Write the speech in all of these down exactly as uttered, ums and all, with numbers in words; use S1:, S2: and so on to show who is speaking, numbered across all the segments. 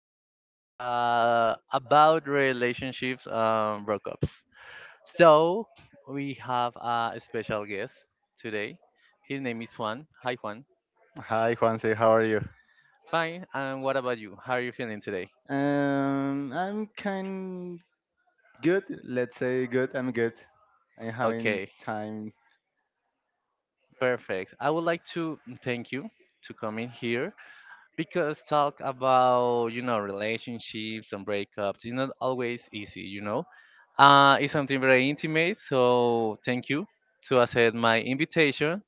S1: podcast uh, about relationships um, breakups. So, we have a special guest today. His name is Juan. Hi, Juan.
S2: Hi, Juanse. How are you?
S1: Fine. And what about you? How are you feeling today?
S2: Um, I'm kind good. Let's say good. I'm good. I'm having
S1: Okay,
S2: time.
S1: perfect. I would like to thank you to come in here, because talk about you know relationships and breakups is not always easy you know Uh, it's something very intimate, so thank you to accept my invitation.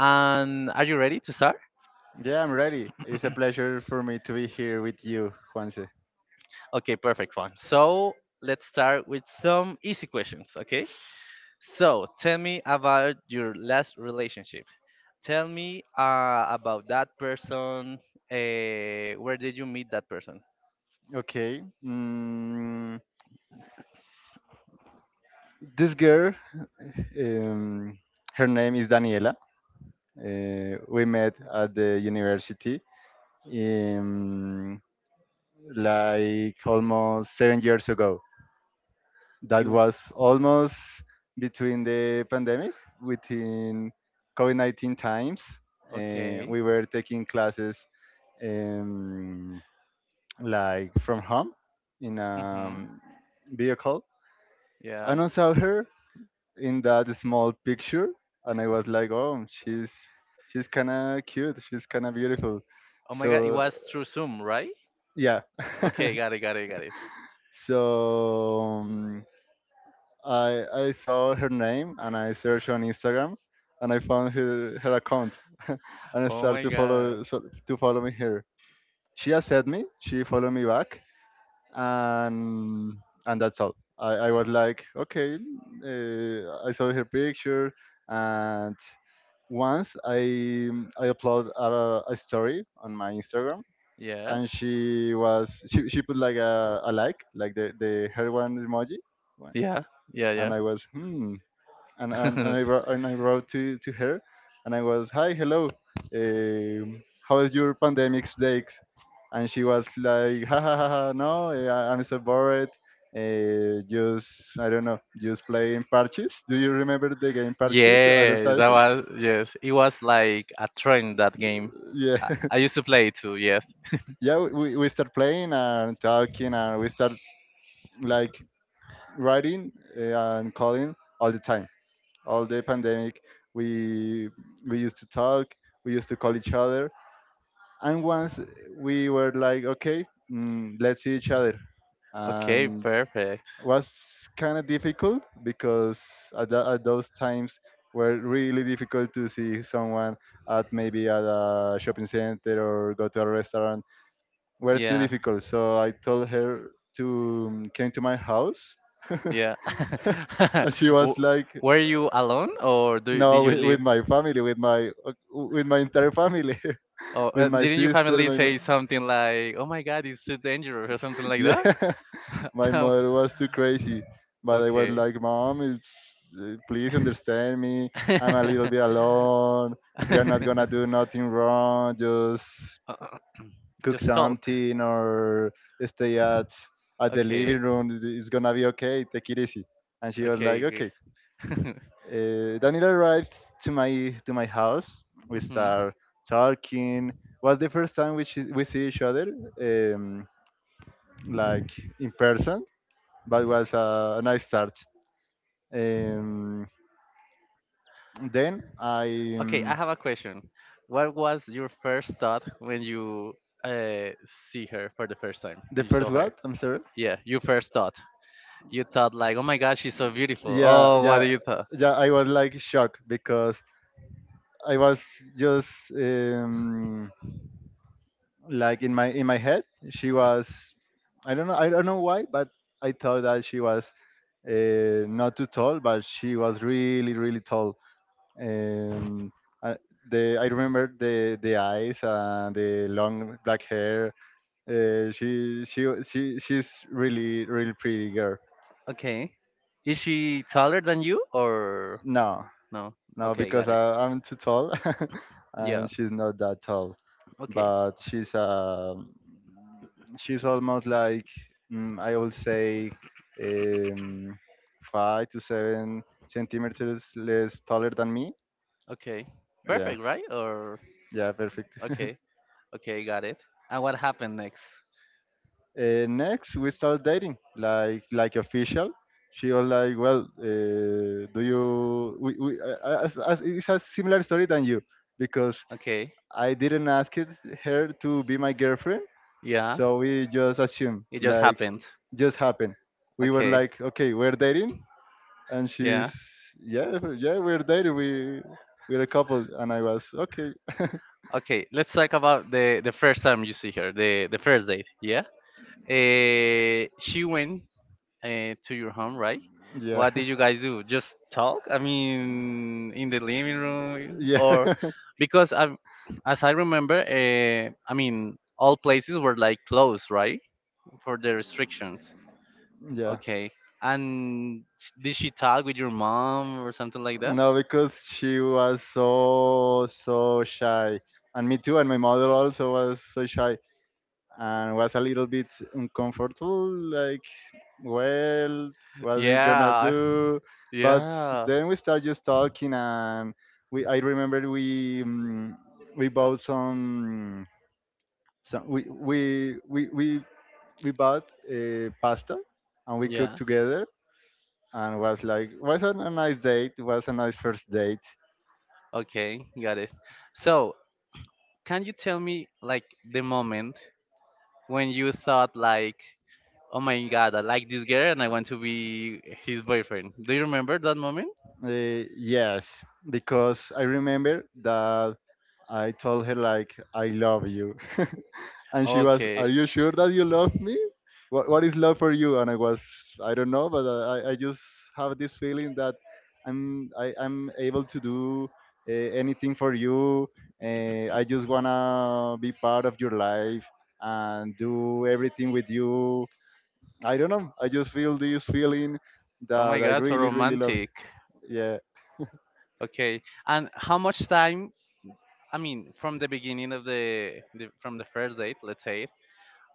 S1: And are you ready to start?
S2: Yeah, I'm ready. It's a pleasure for me to be here with you, Juanse.
S1: Okay, perfect, fun. So let's start with some easy questions, okay? So tell me about your last relationship. Tell me uh, about that person. Uh, where did you meet that person?
S2: Okay. Mm, this girl, um, her name is Daniela. Uh, we met at the university um, like almost seven years ago. That
S1: You,
S2: was almost between the pandemic, within COVID nineteen times. Uh,
S1: okay.
S2: we were taking classes um, like from home in a
S1: Mm-hmm.
S2: um, vehicle.
S1: Yeah.
S2: And I saw her in that small picture, and I was like, oh, she's she's kind of cute, she's kind of beautiful.
S1: Oh my god, it
S2: So
S1: was through Zoom, right?
S2: yeah.
S1: Okay, got it, got it, got it.
S2: so um, I I saw her name and I searched on Instagram, and I found her her account, and I
S1: Oh
S2: started
S1: my
S2: to
S1: god.
S2: follow so, to follow me here. She accepted me. She followed me back, and and that's all. I, I was like, okay. Uh, I saw her picture, and once I I upload a, a story on my Instagram,
S1: Yeah.
S2: and she was she, she put like a, a like like the the her one emoji one,
S1: Yeah. Yeah. Yeah.
S2: and I was hmm. And and, and I wrote, and I wrote to to her, and I was, hi, hello. um, how is your pandemic days? And she was like, ha ha ha, ha no, eh, I, I'm so bored. Uh, just I don't know, just playing parches. Do you remember the game parches at the
S1: Yes, that
S2: time?
S1: was yes. It was like a trend, that game.
S2: Yeah.
S1: I, I used to play it too. Yes.
S2: Yeah. We we start playing and talking, and we start like writing eh, and calling all the time. All the pandemic, we we used to talk. We used to call each other. And once we were like, okay, mm, let's see each other.
S1: Okay.
S2: And
S1: Perfect.
S2: was kind of difficult, because at, tha- at those times were really difficult to see someone, at maybe at a shopping center or go to a restaurant, were too
S1: Yeah.
S2: difficult. So I told her to um, came to my house.
S1: Yeah.
S2: And she was
S1: W-
S2: like,
S1: Were you alone, or do you, did
S2: no,
S1: you
S2: with,
S1: live?
S2: with my family, with my uh, with my entire family.
S1: Oh, uh,
S2: With my
S1: didn't your
S2: sister,
S1: family
S2: my mo-
S1: say something like, "Oh my God, it's too dangerous," or something like that?
S2: yeah. My
S1: Um,
S2: mother was too crazy, but i was
S1: okay.
S2: like, mom, it's uh, please understand me, i'm a little bit alone, we are not gonna do nothing wrong, just
S1: Uh,
S2: cook
S1: Just talk.
S2: something or stay at at the
S1: Okay.
S2: living room. It- it's gonna be okay, take it easy. And she was like,
S1: Okay.
S2: okay. Uh, danilo arrives to my to my house, we
S1: Hmm.
S2: start talking. Was the first time we, see- we see each other, um, like in person, but was a, a nice start. Um, then I
S1: Okay, I
S2: um,
S1: have a question. What was your first thought when you uh, see her for the first time?
S2: the
S1: When you
S2: first
S1: saw her?
S2: what? I'm sorry.
S1: Yeah, your first thought. You thought like, oh my gosh, she's so beautiful.
S2: Yeah,
S1: Oh, what do
S2: yeah,
S1: you thought?
S2: yeah. I was like shocked, because I was just um, like in my in my head. She was, I don't know, I don't know why, but I thought that she was uh, not too tall, but she was really really tall. Um, I, the I remember the the eyes and the long black hair. Uh, she she she she's really really pretty girl.
S1: Okay. Is she taller than you, or
S2: No,
S1: no?
S2: no,
S1: Okay,
S2: because
S1: got it.
S2: I, I'm too tall.
S1: Yeah.
S2: And she's not that tall.
S1: Okay.
S2: But she's um, she's almost like mm, I would say um, five to seven centimeters less taller than me.
S1: Okay.
S2: Yeah,
S1: Perfect, right? Or
S2: yeah, perfect.
S1: okay. Okay, got it. And what happened next?
S2: uh, next, we start dating, like like official. She was like, well, uh, do you? We, we, uh, as, as, it's a similar story than you, because
S1: Okay.
S2: I didn't ask it, her to be my girlfriend,
S1: Yeah.
S2: so we just assumed,
S1: It just
S2: like,
S1: happened.
S2: just happened. We were
S1: Okay.
S2: like, okay, we're dating, and
S1: Yeah.
S2: she's, yeah, yeah, we're dating. We we're a couple, and I was okay,
S1: Okay, let's talk about the the first time you see her, the the first date. Yeah. Uh, she went uh, to your home, right?
S2: yeah.
S1: What did you guys do? Just talk? I mean, in the living room, or,
S2: Yeah.
S1: because I, as I remember, uh, I mean, all places were like closed, right, for the restrictions.
S2: Yeah.
S1: Okay. And sh- did she talk with your mom or something like that?
S2: No, because she was so so shy, and me too, and my mother also was so shy. And was a little bit uncomfortable, like, well, what we gonna
S1: Yeah.
S2: do. But
S1: Yeah.
S2: then we start just talking, and we I remember we um, we bought some some we we we we, we bought uh, pasta and we cooked
S1: Yeah.
S2: together. And was like was a, a nice date. It was a nice first date.
S1: Okay, got it. So, can you tell me like the moment when you thought like, oh my god, I like this girl, and I want to be his boyfriend? Do you remember that moment?
S2: Uh, yes, because I remember that I told her like, I love you. And she was, "Are
S1: Okay.
S2: you sure that you love me? What what is love for you?" And I was, I don't know, but I I just have this feeling that I'm I, I'm able to do uh, anything for you. Uh, I just wanna be part of your life and do everything with you. I don't know. I just feel this feeling
S1: Oh my
S2: that I
S1: god, so
S2: really really love you.
S1: romantic.
S2: Yeah.
S1: Okay. And how much time, I mean, from the beginning of the, the from the first date, let's say it,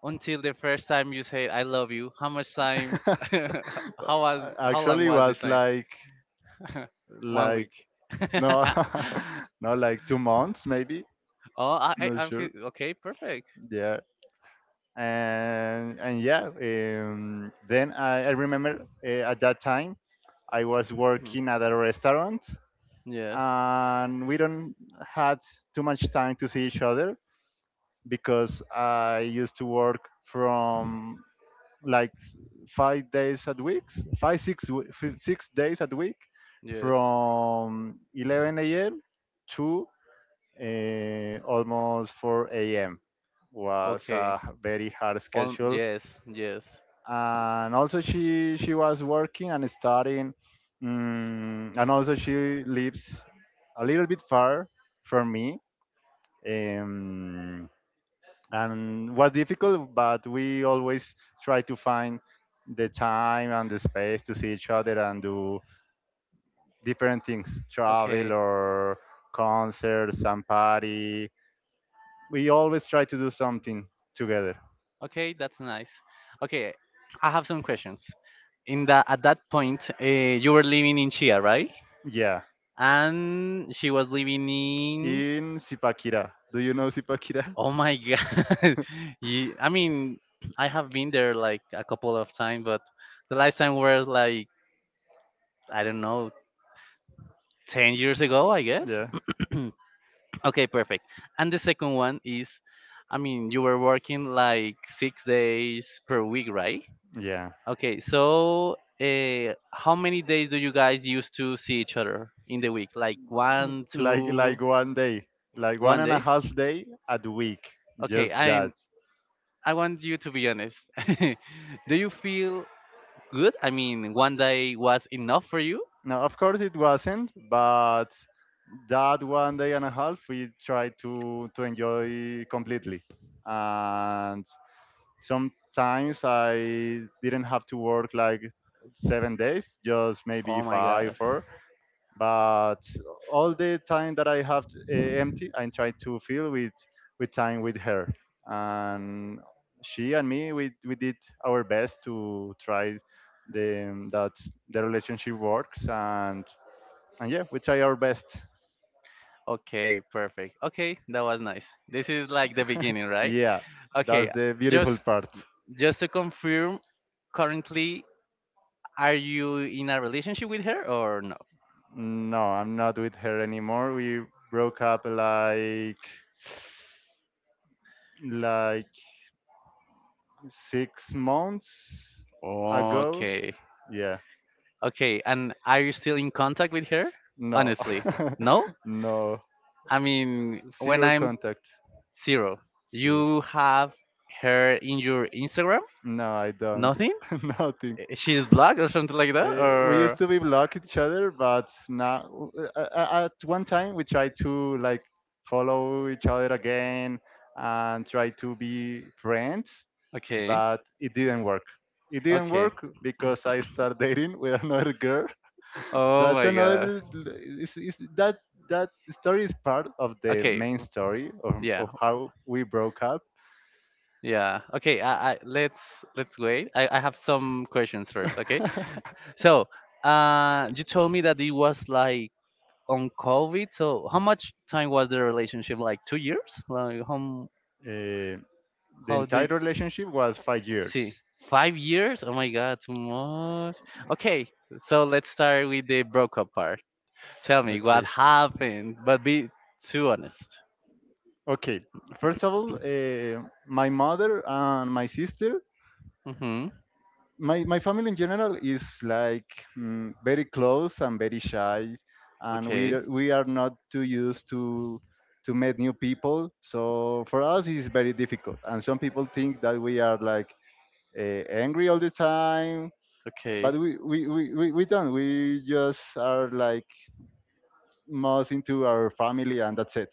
S1: until the first time you say I love you, how much time?
S2: Well,
S1: How was
S2: I-
S1: how long
S2: actually,
S1: was this
S2: was
S1: time?
S2: like
S1: One
S2: like
S1: week.
S2: no. No, like two months maybe.
S1: oh I I
S2: Not
S1: I
S2: sure.
S1: feel okay, perfect.
S2: Yeah. And and yeah. Um, then I, I remember uh, at that time I was
S1: Hmm.
S2: working at a restaurant,
S1: Yes.
S2: and we don't had too much time to see each other, because I used to work from, like, five days a week, five six w- fi- six days a week,
S1: Yes.
S2: from eleven a m to uh, almost four a m Was
S1: Okay.
S2: a very hard
S1: Um,
S2: schedule.
S1: yes, yes.
S2: And also she she was working and studying. Mm, and also she lives a little bit far from me. Um, and was difficult, but we always try to find the time and the space to see each other and do different things, travel
S1: Okay.
S2: or concerts and party. We always try to do something together.
S1: Okay, that's nice. Okay, I have some questions. In that at that point, uh, you were living in Chia, right?
S2: Yeah,
S1: And she was living in.
S2: in Sipakira. Do you know Sipakira?
S1: Oh my God! Ye- I mean, I have been there like a couple of times, but the last time was like, I don't know, ten years ago, I guess.
S2: Yeah.
S1: Okay, perfect. And the second one is, I mean, you were working like six days per week, right?
S2: Yeah.
S1: Okay, so uh, how many days do you guys used to see each other in the week? Like one,
S2: Like
S1: two,
S2: like one day, like one
S1: one
S2: and a
S1: day?
S2: half day at week,
S1: Okay,
S2: just
S1: I
S2: that.
S1: I want you to be honest. Do you feel good? I mean, one day was enough for you?
S2: Now, of course, it wasn't, but that one day and a half, we tried to to enjoy completely. And sometimes I didn't have to work like seven days, just maybe
S1: Oh my
S2: five,
S1: god.
S2: four. But all the time that I have uh, empty, I try to fill with with time with her. And she and me, we we did our best to try the that the relationship works. And and yeah, we try our best.
S1: Okay, perfect. Okay, that was nice. This is like the beginning, right?
S2: Yeah, that's
S1: Okay,
S2: the beautiful
S1: just
S2: part.
S1: Just to confirm, currently, are you in a relationship with her, or no?
S2: No, I'm not with her anymore. We broke up like like six months ago.
S1: Okay.
S2: Yeah,
S1: Okay. And are you still in contact with her?
S2: no.
S1: Honestly, no.
S2: No,
S1: I mean, when
S2: zero
S1: I'm
S2: contact.
S1: zero,
S2: See,
S1: you have her in your Instagram?
S2: no, I don't.
S1: Nothing?
S2: Nothing.
S1: Eh, She's blocked or something like that?
S2: Uh, we used
S1: Or.
S2: to be block each other, but now uh, uh, uh, at one time we tried to, like, follow each other again and try to be friends,
S1: Okay.
S2: but it didn't work. It didn't
S1: Okay.
S2: work because I started dating with another girl.
S1: Oh
S2: That's
S1: my god.
S2: another. Is, is that that story is part of the
S1: Okay.
S2: main story of,
S1: Yeah.
S2: of how we broke up.
S1: Yeah. Okay. I, I let's let's wait. I, I have some questions first. Okay. So, uh, you told me that it was like on COVID. So, how much time was the relationship? Like two years? Like how m-
S2: Eh, the
S1: how do
S2: entire
S1: you
S2: relationship was five
S1: see?
S2: years
S1: Five years? Oh my God, too much. Okay. So let's start with the breakup part. Tell me what
S2: Okay.
S1: happened, but be too honest.
S2: Okay. First of all, uh, my mother and my sister,
S1: Mhm.
S2: my my family in general is like mm, very close and very shy, and we
S1: Okay.
S2: are- we are not too used to to meet new people. So for us, it's very difficult. And some people think that we are like uh, angry all the time,
S1: Okay.
S2: but we we, we, we we don't. We just are like most into our family, and that's it.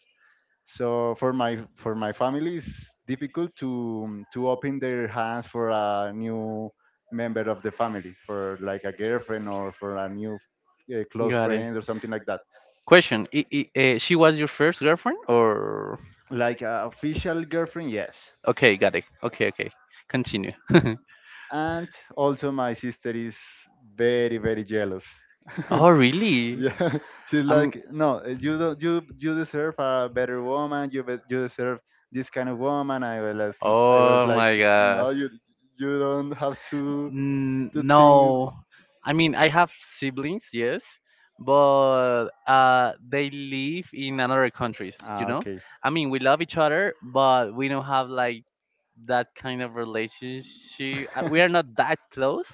S2: So for my for my family it's difficult to to open their hands for a new member of the family, for like a girlfriend or for a new uh, close
S1: Got it.
S2: friend or something like that.
S1: Question: I I uh, She was your first girlfriend, or
S2: Like a official girlfriend, yes.
S1: okay, got it. Okay, okay. Continue.
S2: And also my sister is very very jealous.
S1: Oh, really?
S2: Yeah. She's
S1: I'm.
S2: like, no, uh, you don't, you you deserve a better woman, you be- you deserve this kind of woman. I was like, i was
S1: Oh
S2: like,
S1: my god.
S2: no, you you don't have to
S1: N-
S2: to think.
S1: no i mean i have siblings, yes, but uh they live in another countries, you
S2: Ah,
S1: know.
S2: okay.
S1: I mean, we love each other, but we don't have like that kind of relationship. Uh, we are not that close.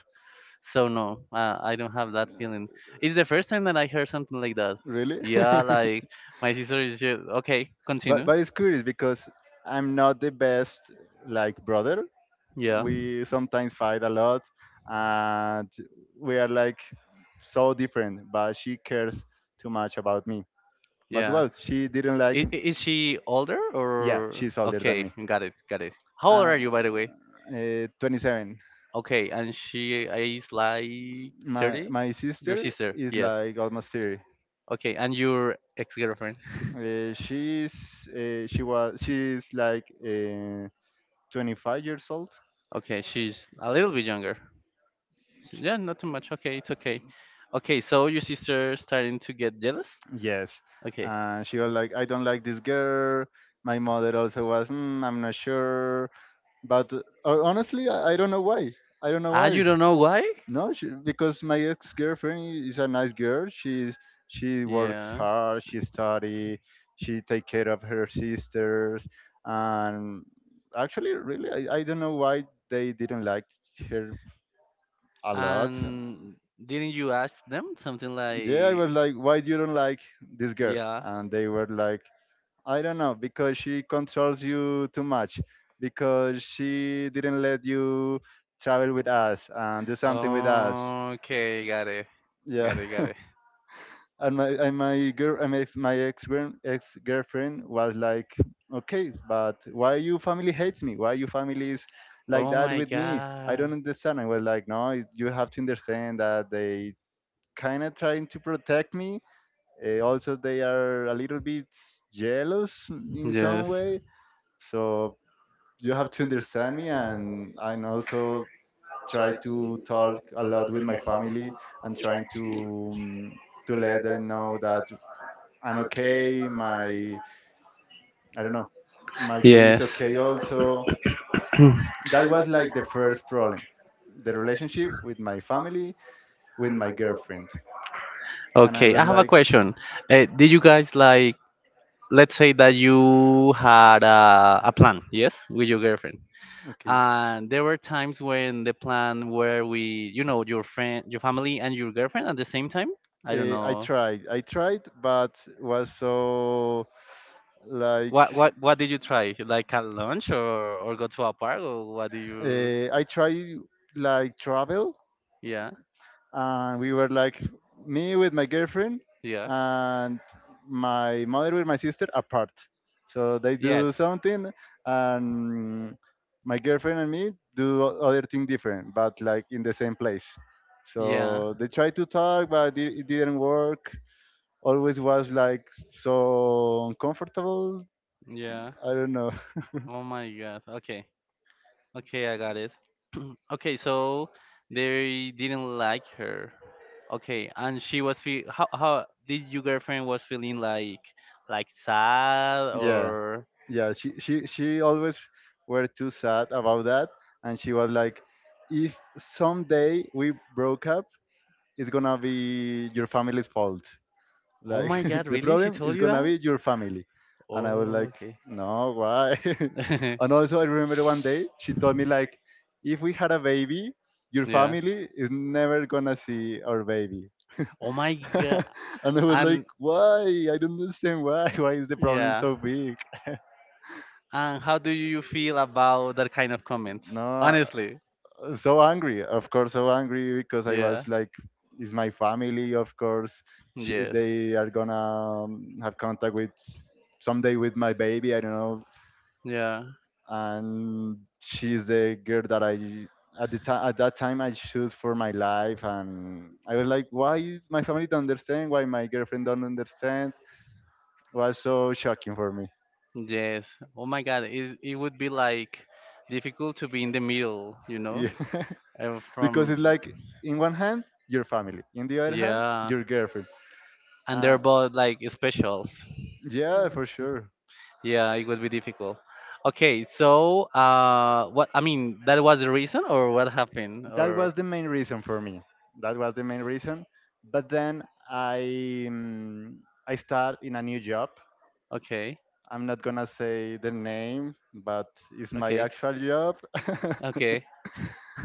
S1: So no, uh, I don't have that feeling. It's the first time that I heard something like that.
S2: Really?
S1: Yeah, like, my sister is just, okay.
S2: But
S1: Continue.
S2: but it's curious, because i'm not the best, like, brother.
S1: Yeah,
S2: We sometimes fight a lot, and we are like so different, but she cares too much about me. But
S1: yeah.
S2: well, she didn't like.
S1: Is, is she older,
S2: Yeah,
S1: or
S2: she's older than
S1: okay?
S2: me.
S1: Got it, got it. How old
S2: uh,
S1: are you, by the way?
S2: uh, twenty-seven.
S1: Okay, and she is like
S2: my
S1: thirty.
S2: my
S1: Your
S2: sister
S1: sister,
S2: is
S1: yes.
S2: like almost thirty.
S1: Okay, and your ex-girlfriend.
S2: Uh, she's uh, she was she's like uh, twenty-five years old.
S1: Okay, she's a little bit younger. She-
S2: Sh-
S1: Yeah, not too much. Okay, it's okay. Okay, so your sister starting to get jealous.
S2: yes.
S1: Okay.
S2: And she was like, I don't like this girl. My mother also was, mm, I'm not sure, but uh, honestly, I, I don't know why. i don't know
S1: Ah, you
S2: why
S1: don't know why?
S2: no, she, because my ex-girlfriend is a nice girl. She's she works
S1: Yeah.
S2: hard, she study, she take care of her sisters. And actually really, i, I don't know why they didn't like her a lot.
S1: And didn't you ask them something
S2: Yeah, I
S1: like,
S2: was like, why you don't like this girl?
S1: yeah?
S2: And they were like, I don't know, because she controls you too much, because she didn't let you travel with us and do something with us.
S1: Okay, got it. Got
S2: Yeah.
S1: it, got it.
S2: And my and my girl and my ex my ex ex girlfriend was like, okay, but why you family hates me? Why your family is like
S1: Oh
S2: that
S1: my
S2: with me? I don't
S1: god.
S2: understand. I was like, no, it- you have to understand that they kind of trying to protect me. Eh, also, they are a little bit jealous in some
S1: Yes.
S2: way. So you have to understand me, and I also try to talk a lot with my family and trying to um, to let them know that I'm okay. My I don't know, my gator is
S1: Yes.
S2: okay. Also, that was like the first problem, the relationship with my family, with my girlfriend, and I
S1: Okay,
S2: was
S1: I have a
S2: like,
S1: question. Uh, did you guys like, let's say that you had a, a plan, yes, with your girlfriend,
S2: okay.
S1: and there were times when the plan where we, you know your friend, your family, and your girlfriend at the same time, I don't
S2: Uh, I
S1: know.
S2: tried. I tried, but was so like
S1: What what what did you try? Like, at lunch, or or go to a park, or what do you?
S2: uh, I tried like travel,
S1: Yeah.
S2: and we were like me with my girlfriend,
S1: Yeah.
S2: and my mother with my sister apart, so they
S1: Yes.
S2: do something, and my girlfriend and me do o- other thing different but like in the same place,
S1: Yeah.
S2: so they tried to talk, but it, it didn't work. Always was like so uncomfortable,
S1: Yeah.
S2: I don't know.
S1: Oh my god. Okay. Okay, I got it. Okay, so they didn't like her. Okay, and she was feel how how did your girlfriend was feeling, like, like sad,
S2: Yeah,
S1: or?
S2: yeah. She she she always were too sad about that, and she was like, "If someday we broke up, it's gonna be your family's fault."
S1: Oh
S2: Like
S1: my god,
S2: the
S1: really? She
S2: problem
S1: told
S2: is
S1: you
S2: gonna
S1: that?
S2: be your family." And I was
S1: Oh,
S2: like,
S1: okay.
S2: "No, why?" And also, I remember one day she told me like, "If we had a baby, your
S1: Yeah.
S2: family is never gonna see our baby."
S1: Oh my god.
S2: And I was like,
S1: And
S2: "Why? I don't understand why. Why is the problem
S1: yeah.
S2: so big?"
S1: And how do you feel about that kind of comments?
S2: No,
S1: Honestly.
S2: so angry, of course, so angry because I
S1: Yeah.
S2: was like, it's my family, of course. Sh
S1: Yes.
S2: They are gonna um, have contact with someday with my baby, I don't know.
S1: Yeah.
S2: And she's the girl that I at the time, at that time, I choose for my life. And I was like, why my family don't understand, why my girlfriend don't understand? Was so shocking for me.
S1: Yes. Oh my god, it, it would be like difficult to be in the middle, you know?
S2: Yeah,
S1: Uh,
S2: because it's
S1: from
S2: like in one hand your family, in the other hand
S1: yeah,
S2: your girlfriend.
S1: and they're
S2: Uh,
S1: both like specials.
S2: yeah, for sure.
S1: Yeah, it would be difficult. Okay, so uh, what I mean, that was the reason, or what happened,
S2: That
S1: or
S2: was the main reason for me. That was the main reason. But then I um, I start in a new job.
S1: okay,
S2: I'm not gonna say the name, but it's my
S1: okay,
S2: actual job.
S1: okay,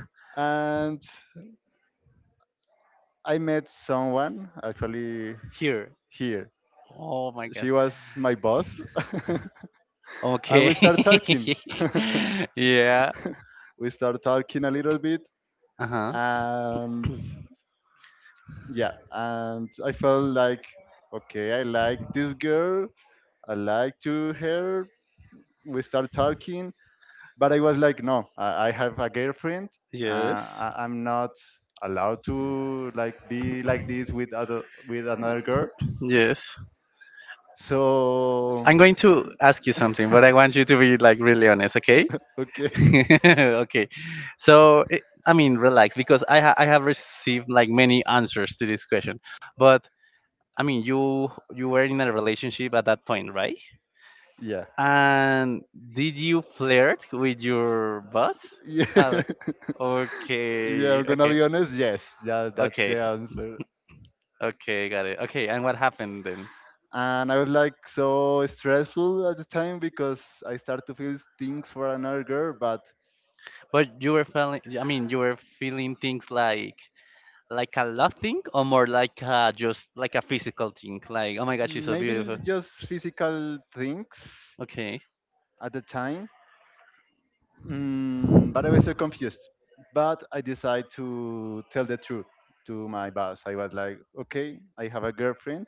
S2: And I met someone actually
S1: here.
S2: here.
S1: Oh my god.
S2: She was my boss, and we
S1: Okay.
S2: start talking.
S1: Yeah.
S2: We start talking a little bit,
S1: Uh huh.
S2: and yeah, and I felt like, okay, I like this girl, I like to her, we start talking. But I was like, no, i, I have a girlfriend. uh,
S1: Yes.
S2: I, I'm not allowed to like be like this with other, with another girl.
S1: Yes.
S2: So
S1: I'm going to ask you something, but I want you to be like really honest, okay?
S2: okay.
S1: Okay, so it, I mean, relax, because i ha- I have received like many answers to this question. But, I mean, you you were in a relationship at that point, right?
S2: Yeah,
S1: And did you flirt with your boss?
S2: yeah.
S1: How?
S2: Yeah,
S1: Okay,
S2: I'm gonna
S1: okay,
S2: be honest, yes, yeah, that's
S1: okay.
S2: the answer.
S1: Okay, got it. Okay, and what happened then?
S2: And I was like so stressful at the time because I started to feel things for another girl. But
S1: But you were feeling, I mean, you were feeling things like, like a love thing, or more like uh, just like a physical thing, like, oh my god, she's so
S2: maybe
S1: beautiful.
S2: l- just physical things
S1: Okay.
S2: at the time. Mm, but I was so confused. But I decided to tell the truth to my boss. I was like, okay, I have a girlfriend.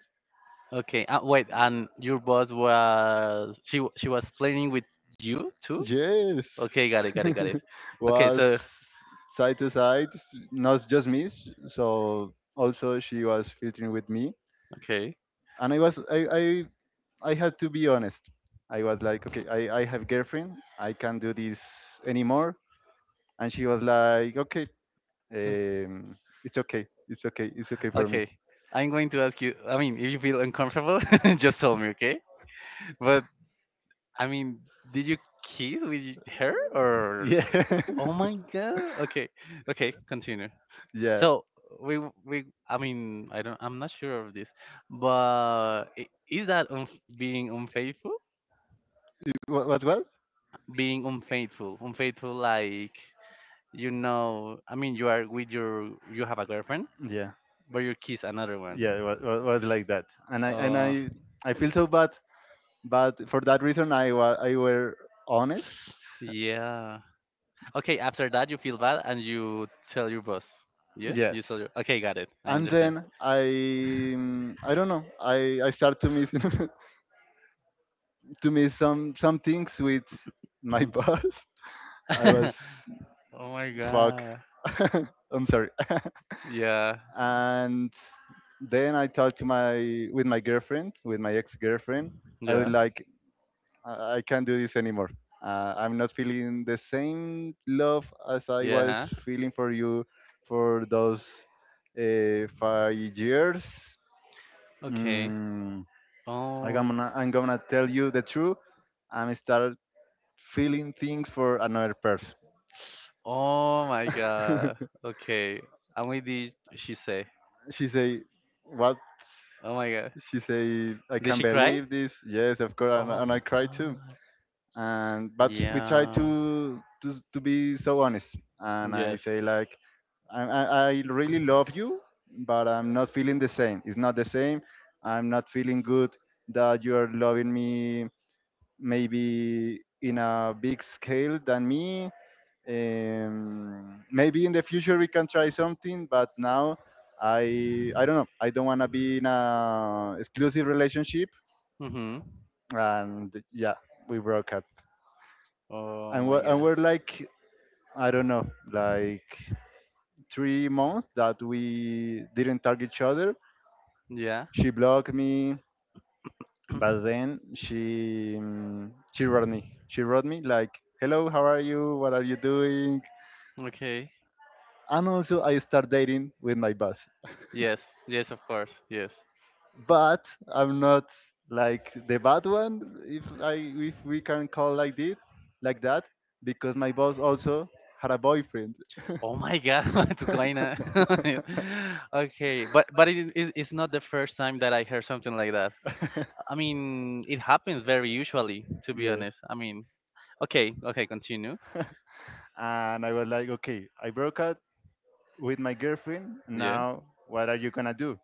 S1: Okay. Uh, wait, and your boss, was she w- she was playing with you too?
S2: Yes,
S1: Okay, got it, got it, got it. Okay,
S2: was
S1: so
S2: side to side, not just me. s- So also she was filtering with me,
S1: okay,
S2: and I was I I, I had to be honest. I was like, okay, I, I have girlfriend. I can't do this anymore. And she was like, okay, um, it's okay, it's okay, it's okay for me.
S1: okay. I'm going to ask you. I mean, if you feel uncomfortable, just tell me, okay? But I mean, did you kiss with y- her, or?
S2: Yeah,
S1: Oh my god. Okay, okay. Continue.
S2: yeah.
S1: So we w- we. I mean, I don't. I'm not sure of this, but i- is that unf being unfaithful?
S2: what, what? What?
S1: Being unfaithful unfaithful, like, you know I mean, you are with your you have a girlfriend,
S2: Yeah.
S1: but you kiss another one,
S2: Yeah, it was, was, was like that. And I and
S1: uh
S2: I I feel so bad, but for that reason I was I were honest.
S1: yeah. Okay, after that you feel bad and you tell your boss, yeah, you
S2: Yes.
S1: tell your okay, got it, I
S2: And
S1: understand.
S2: then I mm, I don't know. I I start to miss to miss some some things with my boss. I was
S1: Oh my
S2: fuck.
S1: god.
S2: I'm sorry.
S1: Yeah,
S2: And then I talked to my with my girlfriend, with my ex-girlfriend. I was
S1: yeah,
S2: like, I I can't do this anymore. Uh, I'm not feeling the same love as I
S1: yeah,
S2: was
S1: huh?
S2: feeling for you for those uh, five years.
S1: Okay.
S2: Mm, I'm
S1: oh
S2: gonna I'm gonna tell you the truth. I'm start feeling things for another person.
S1: oh my god. Okay, and what did she say?
S2: She say, what?
S1: Oh my god,
S2: She say, I
S1: did
S2: can't
S1: she cry?
S2: believe this, yes, of course. and,
S1: Oh
S2: and I cry too.
S1: fuck!
S2: And but we try
S1: Yeah.
S2: to, to to be so honest, and I
S1: Yes.
S2: say like, I, I I really love you, but I'm not feeling the same, it's not the same. I'm not feeling good that you are loving me, maybe in a big scale than me. um, maybe in the future we can try something, but now i I don't know, I don't want to be in a exclusive relationship.
S1: Mhm.
S2: And yeah, we broke up.
S1: Oh
S2: And we're,
S1: my
S2: and
S1: god.
S2: we're like, I don't know, like three months that we didn't talk each other.
S1: Yeah.
S2: She blocked me, but then she um, she wrote me. She wrote me like, "Hello, how are you? What are you doing?"
S1: Okay.
S2: And also, I start dating with my boss,
S1: Yes. Yes, of course. Yes.
S2: but I'm not like the bad one, if I if we can call like this, like that, because my boss also had a boyfriend.
S1: Oh my god, what's going on? Okay, but but it, it, it's not the first time that I heard something like that. I mean, it happens very usually, to be
S2: Yeah.
S1: honest. I mean, okay, okay, continue.
S2: And I was like, okay, I broke up with my girlfriend.
S1: Yeah.
S2: Now, what are you gonna do?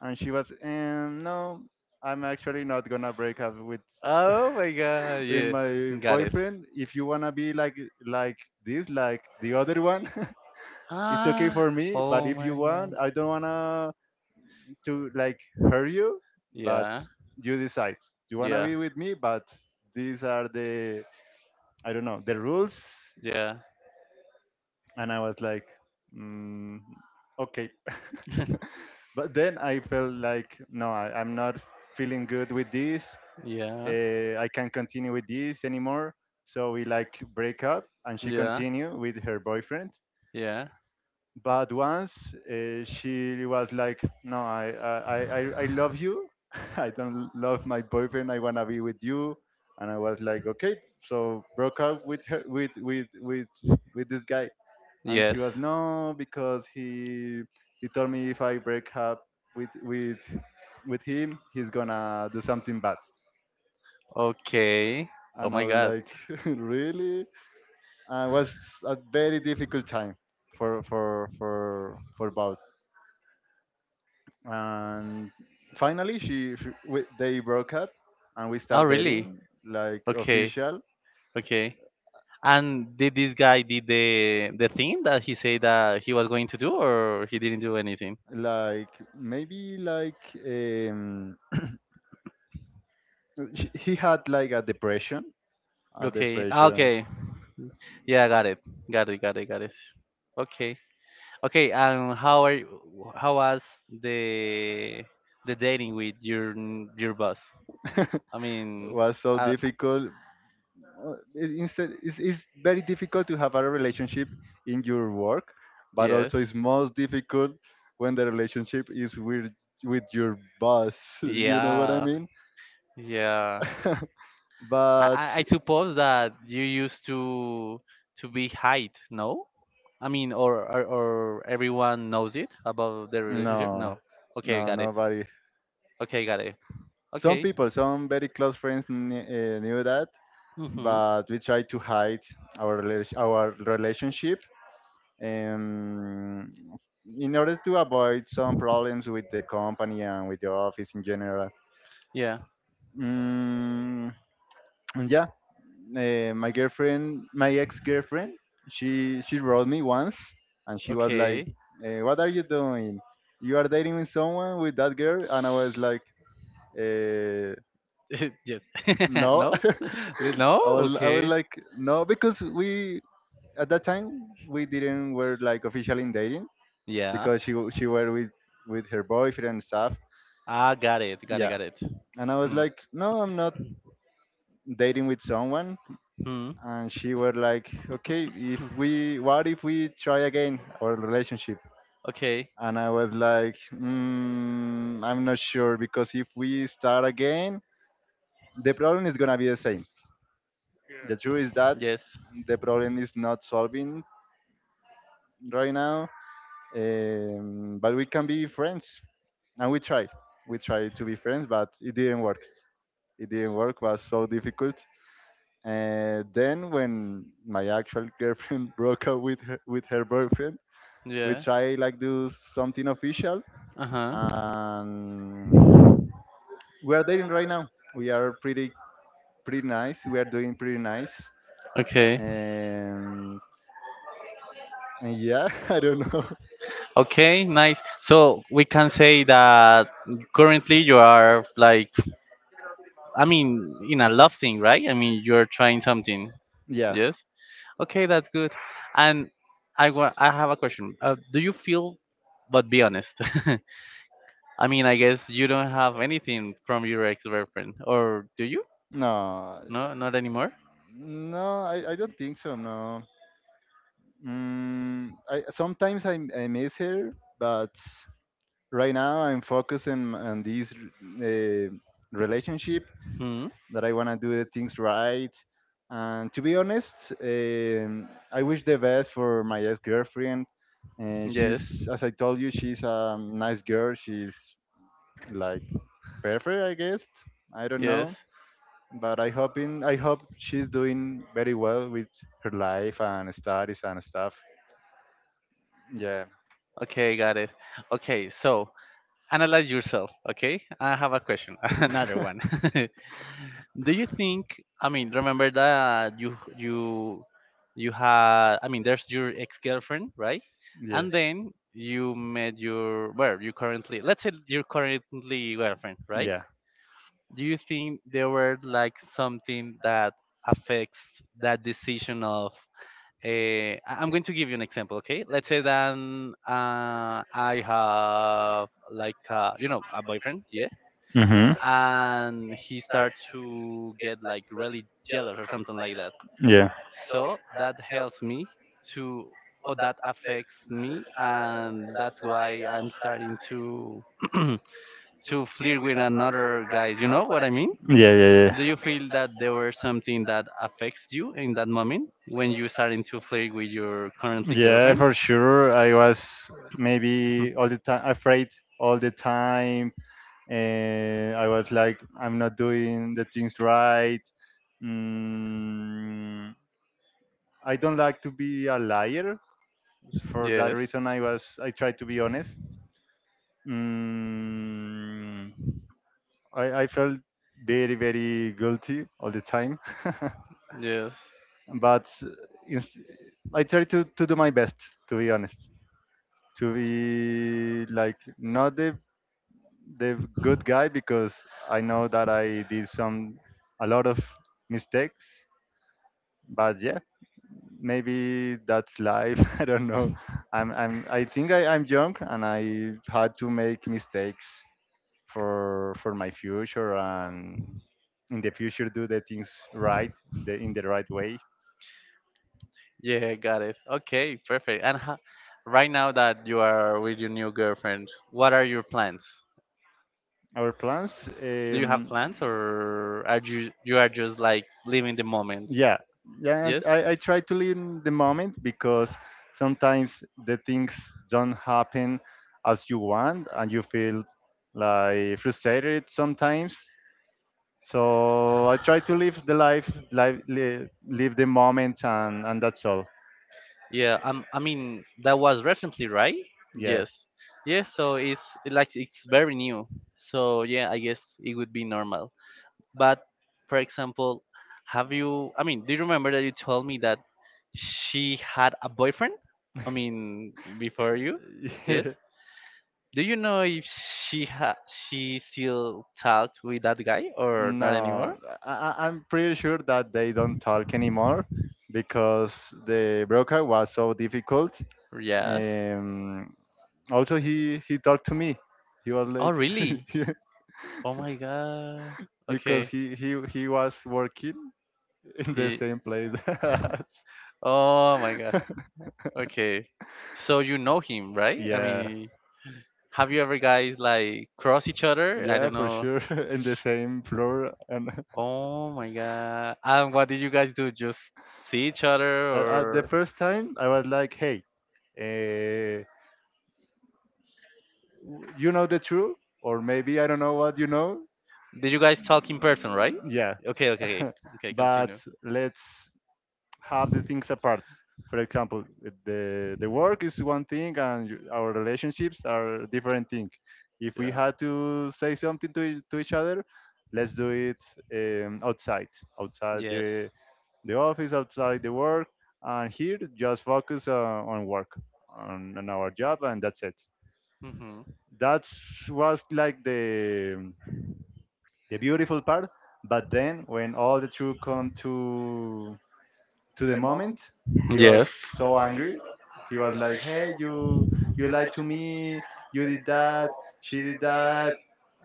S2: And she was, um, no, I'm actually not gonna break up with
S1: Oh my god.
S2: with
S1: Yeah.
S2: my
S1: Got it.
S2: boyfriend. If you wanna be like like this, like the other one, it's okay
S1: Ah.
S2: for me. But
S1: Oh
S2: if you
S1: my
S2: want,
S1: god.
S2: I don't wanna to like hurt you. But
S1: Yeah.
S2: you decide. You wanna
S1: Yeah.
S2: be with me, but these are the, I don't know, the rules.
S1: Yeah.
S2: And I was like, mm, okay. But then I felt like, no, I, I'm not feeling good with this.
S1: Yeah.
S2: Uh, I can't continue with this anymore. So we like break up, and she
S1: Yeah.
S2: continued with her boyfriend.
S1: Yeah.
S2: But once uh, she was like, no, I, I, I, I love you. I don't love my boyfriend. I wanna be with you. And I was like, okay, so broke up with her, with with with with this guy. And she
S1: Yes.
S2: was, no, because he he told me if I break up with with with him, he's gonna do something bad.
S1: Okay. Oh
S2: And I
S1: my
S2: was
S1: god.
S2: like really? And it was a very difficult time for for for for both. And finally she, she we, they broke up, and we
S1: Oh
S2: start
S1: really?
S2: dating like
S1: Okay.
S2: official.
S1: Okay. And did this guy did the the thing that he said that he was going to do, or he didn't do anything?
S2: Like maybe like um, sh- he had like a depression a
S1: Okay, ah,
S2: depression.
S1: okay, yeah, got it, got it, got it, got it. Okay, okay. And how are you, how was the the dating with your n- your boss? I mean,
S2: Was so
S1: uh,
S2: difficult. Uh, it- Instead, it's, it's very difficult to have a relationship in your work, but
S1: yes,
S2: also it's most difficult when the relationship is with with your boss. You know what I
S1: yeah,
S2: mean?
S1: yeah. I,
S2: But
S1: I I suppose that you used to to be height, no? I mean, or, or or everyone knows it about their
S2: no,
S1: relationship. No.
S2: no,
S1: Okay, got it.
S2: nobody.
S1: Okay, got it.
S2: Some
S1: Okay.
S2: people, some very close friends kn- uh, knew that,
S1: Mm-hmm.
S2: but we tried to hide our rela- our relationship um, in order to avoid some problems with the company and with the office in general.
S1: Yeah.
S2: Mm, and yeah, uh, my girlfriend, my ex-girlfriend, she she wrote me once, and she was like,
S1: Okay.
S2: uh, "What are you doing? You are dating with someone, with that girl?" And I was like, uh,
S1: Yes.
S2: "No."
S1: No. Li- No.
S2: I was I was
S1: Okay.
S2: like, "No," because we at that time we didn't were like officially in dating
S1: Yeah.
S2: because she w- she were with with her boyfriend and stuff.
S1: Ah, got it. Got it.
S2: Yeah,
S1: Got it.
S2: and I was
S1: Hmm.
S2: like, no, I'm not dating with someone.
S1: Hmm.
S2: And she were like, okay, if we, what if we try again our relationship?
S1: Okay.
S2: And I was like, mm, I'm not sure because if we start again, the problem is gonna be the same. The truth is that
S1: Yes.
S2: the problem is not solving right now, um, but we can be friends, and we tried. We tried to be friends, but it didn't work. It didn't work was so difficult. And then when my actual girlfriend broke up with her, with her boyfriend, we
S1: Yeah.
S2: try like do something official,
S1: Uh huh.
S2: and we are dating right now. We are pretty Pretty nice, we are doing pretty nice.
S1: Okay.
S2: and, and yeah, I don't know.
S1: Okay. Nice. So we can say that currently you are like, I mean, in a love thing, right? I mean, you're trying something.
S2: Yeah.
S1: Yes. Okay, that's good. And I wa- I have a question. Uh, do you feel? But be honest. I mean, I guess you don't have anything from your ex-girlfriend, or do you?
S2: No,
S1: No, not anymore.
S2: no i, I don't think so, no. Mm, I, sometimes I, I miss her, but right now I'm focusing on this uh, relationship,
S1: Hmm.
S2: that I want to do the things right. And to be honest, um, I wish the best for my ex-girlfriend. Uh, she's,
S1: Yes.
S2: as I told you, she's a nice girl. She's like perfect, I guess. I don't
S1: Yes.
S2: know, but I hoping I hope she's doing very well with her life and studies and stuff. Yeah.
S1: Okay, got it. Okay, so analyze yourself. Okay, I have a question, another one. Do you think? I mean, remember that you you you had. I mean, there's your ex girlfriend, right?
S2: Yeah.
S1: And then you met your well, you currently, let's say, your currently girlfriend, right?
S2: Yeah.
S1: Do you think there were like something that affects that decision of? Uh, I'm going to give you an example, okay? Let's say that um, uh, I have like uh, you know, a boyfriend, yeah,
S2: Hmm.
S1: and he start to get like really jealous or something like that.
S2: Yeah.
S1: So that helps me to, or that affects me, and that's why I'm starting to to flirt with another guys. You know what I mean?
S2: Yeah. Yeah. Yeah.
S1: Do you feel that there were something that affects you in that moment when you starting to flirt with your currently
S2: Yeah,
S1: girlfriend?
S2: for sure. I was maybe all the time afraid, all the time. And I was like, I'm not doing the things right. Mm, I don't like to be a liar. For that
S1: yes.
S2: reason, I was I tried to be honest. Mm, I, I felt very very guilty all the time,
S1: Yes.
S2: but ins- I tried to, to do my best to be honest, to be like not the the good guy, because I know that I did some a lot of mistakes. But yeah, maybe that's life. I don't know. I'm I'm I think I, I'm young and I had to make mistakes for for my future, and in the future do the things right, the in the right way.
S1: Yeah, got it. Okay, perfect. And ho- right now that you are with your new girlfriend, what are your plans?
S2: Our plans,
S1: Do you have
S2: um,
S1: plans, or are you you are just like living the moment?
S2: yeah, yeah. And
S1: Yes?
S2: I I try to live in the moment because sometimes the things don't happen as you want, and you feel like frustrated sometimes. So I try to live the life, live, live, live the moment, and and that's all.
S1: Yeah, um, I mean that was recently, right?
S2: Yeah.
S1: Yes. Yes, so it's it like it's very new. So yeah, I guess it would be normal. But for example, have you? I mean, do you remember that you told me that she had a boyfriend? I mean, before you? Yes. Do you know if she ha she still talked with that guy or not anymore?
S2: No, I, I- I'm pretty sure that they don't talk anymore because the broker was so difficult.
S1: Yes.
S2: Um, also, he he talked to me. He was
S1: Oh,
S2: like,
S1: really?
S2: yeah,
S1: Oh my god.
S2: because
S1: Okay.
S2: he he he was working in the
S1: Ye-
S2: same place. As-
S1: Oh my god. Okay. So you know him, right? I
S2: yeah,
S1: mean, have you ever guys like cross each other? I
S2: yeah,
S1: don't
S2: for
S1: know.
S2: sure, in the same floor and.
S1: Oh my god. And what did you guys do? Just see each other,
S2: At, at the
S1: or
S2: first time, I was like, hey, uh, w- you know the truth, or maybe I don't know what you know.
S1: did you guys talk in person, right?
S2: Mm, yeah,
S1: Okay, okay. Okay, okay,
S2: but
S1: continue.
S2: let's have the things apart. For example, it- the the work is one thing, and you- our relationships are different thing. If we
S1: Yeah.
S2: had to say something to ea- to each other, let's do it um, outside, outside
S1: Yes.
S2: the the office, outside the work, and here just focus uh, on work, on, on our job, and that's it.
S1: Mhm.
S2: That was like the the beautiful part. But then when all the truth come to to the moment, he was
S1: Yes.
S2: so angry. He was like, "Hey, you you lied to me. You did that. She did that."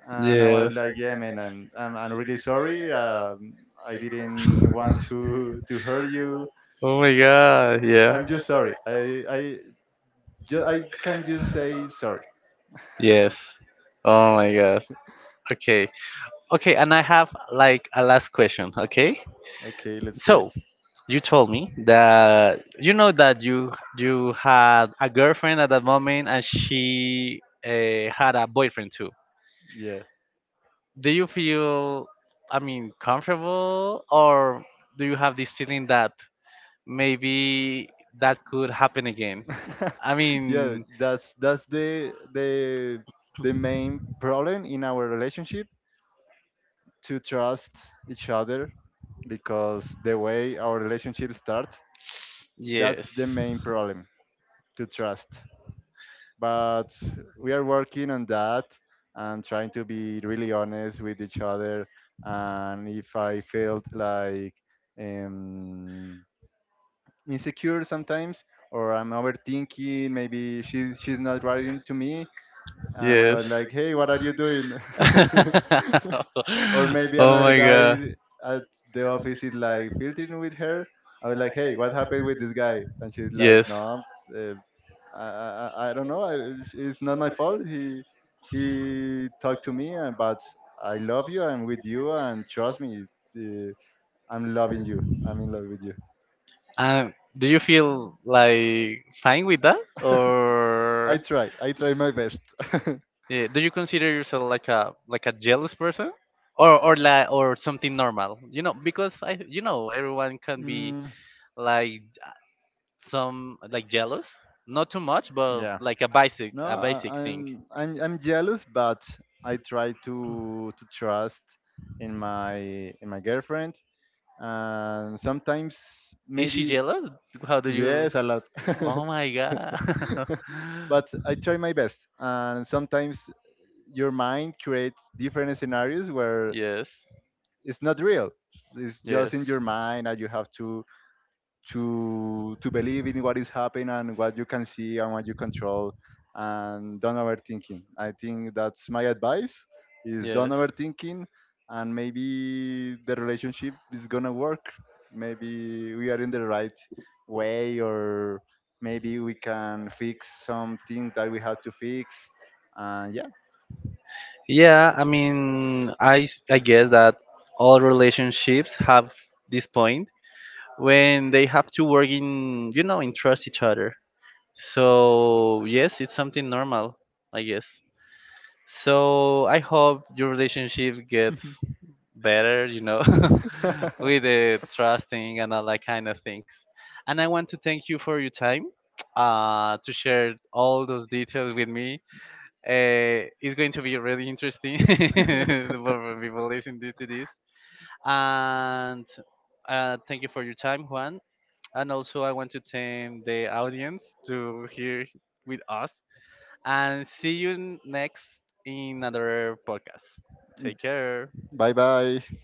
S2: And I was
S1: Yes.
S2: like, "Yeah, man, I'm I'm, I'm really sorry. Um, I didn't want to to hurt you."
S1: Oh my god. Yeah.
S2: I'm just sorry. I I ju- I can just say sorry.
S1: Yes. Oh my god. Okay. Okay, and I have like a last question, okay?
S2: Okay, let's do it.
S1: So, you told me that you know that you you had a girlfriend at that moment and she uh, had a boyfriend too.
S2: Yeah.
S1: Do you feel, I mean, comfortable, or do you have this feeling that maybe that could happen again? I
S2: Yeah,
S1: mean,
S2: that's that's the the the main problem in our relationship, to trust each other, because the way our relationship start,
S1: yes,
S2: that's the main problem, to trust. But we are working on that, and trying to be really honest with each other. And if I felt like um insecure sometimes, or I'm overthinking. Maybe she's she's not writing to me, and I
S1: yes.
S2: was like, "Hey, what are you doing?" Or maybe
S1: Oh
S2: another
S1: my god.
S2: guy at the office is like filtering with her. I was like, "Hey, what happened with this guy?" And she's like,
S1: Yes.
S2: "No, uh, I, I I I don't know. I, it's not my fault. He he talked to me, and but I love you. I'm with you, and trust me." Uh, I'm loving you. I'm in love with you.
S1: Um, do you feel like fine with that,
S2: I
S1: or
S2: try. I try my best.
S1: yeah, do you consider yourself like a like a jealous person, or or like or something normal? You know, because I, you know, everyone
S2: Uh,
S1: can be
S2: mm,
S1: like some like jealous, not too much, but
S2: yeah.
S1: like a basic
S2: No,
S1: a basic
S2: I,
S1: thing.
S2: I'm I'm I'm jealous, but I try to to trust in my in my girlfriend. And sometimes
S1: Is she
S2: maybe
S1: jealous? How do you?
S2: yes, a lot.
S1: Oh my god.
S2: But I try my best, and sometimes your mind creates different scenarios where
S1: Yes.
S2: it's not real. It's just
S1: Yes.
S2: in your mind, and you have to to to believe in what is happening and what you can see and what you control, and don't overthinking. I think that's my advice: is don't
S1: Yes.
S2: overthinking, and maybe the relationship is gonna work. Maybe we are in the right way, or maybe we can fix some things that we have to fix. And yeah.
S1: Yeah, I mean, I s- I guess that all relationships have this point when they have to work in, you know, in trust each other. So, yes, it's something normal, I guess. So, I hope your relationship gets better, you know, with the trusting and all that kind of things. And I want to thank you for your time, uh, to share all those details with me. Uh, it's going to be really interesting for for people listening to this. And uh, thank you for your time, Juan. And also, I want to thank the audience to hear with us. And see you next in another podcast. Take care.
S2: Bye bye.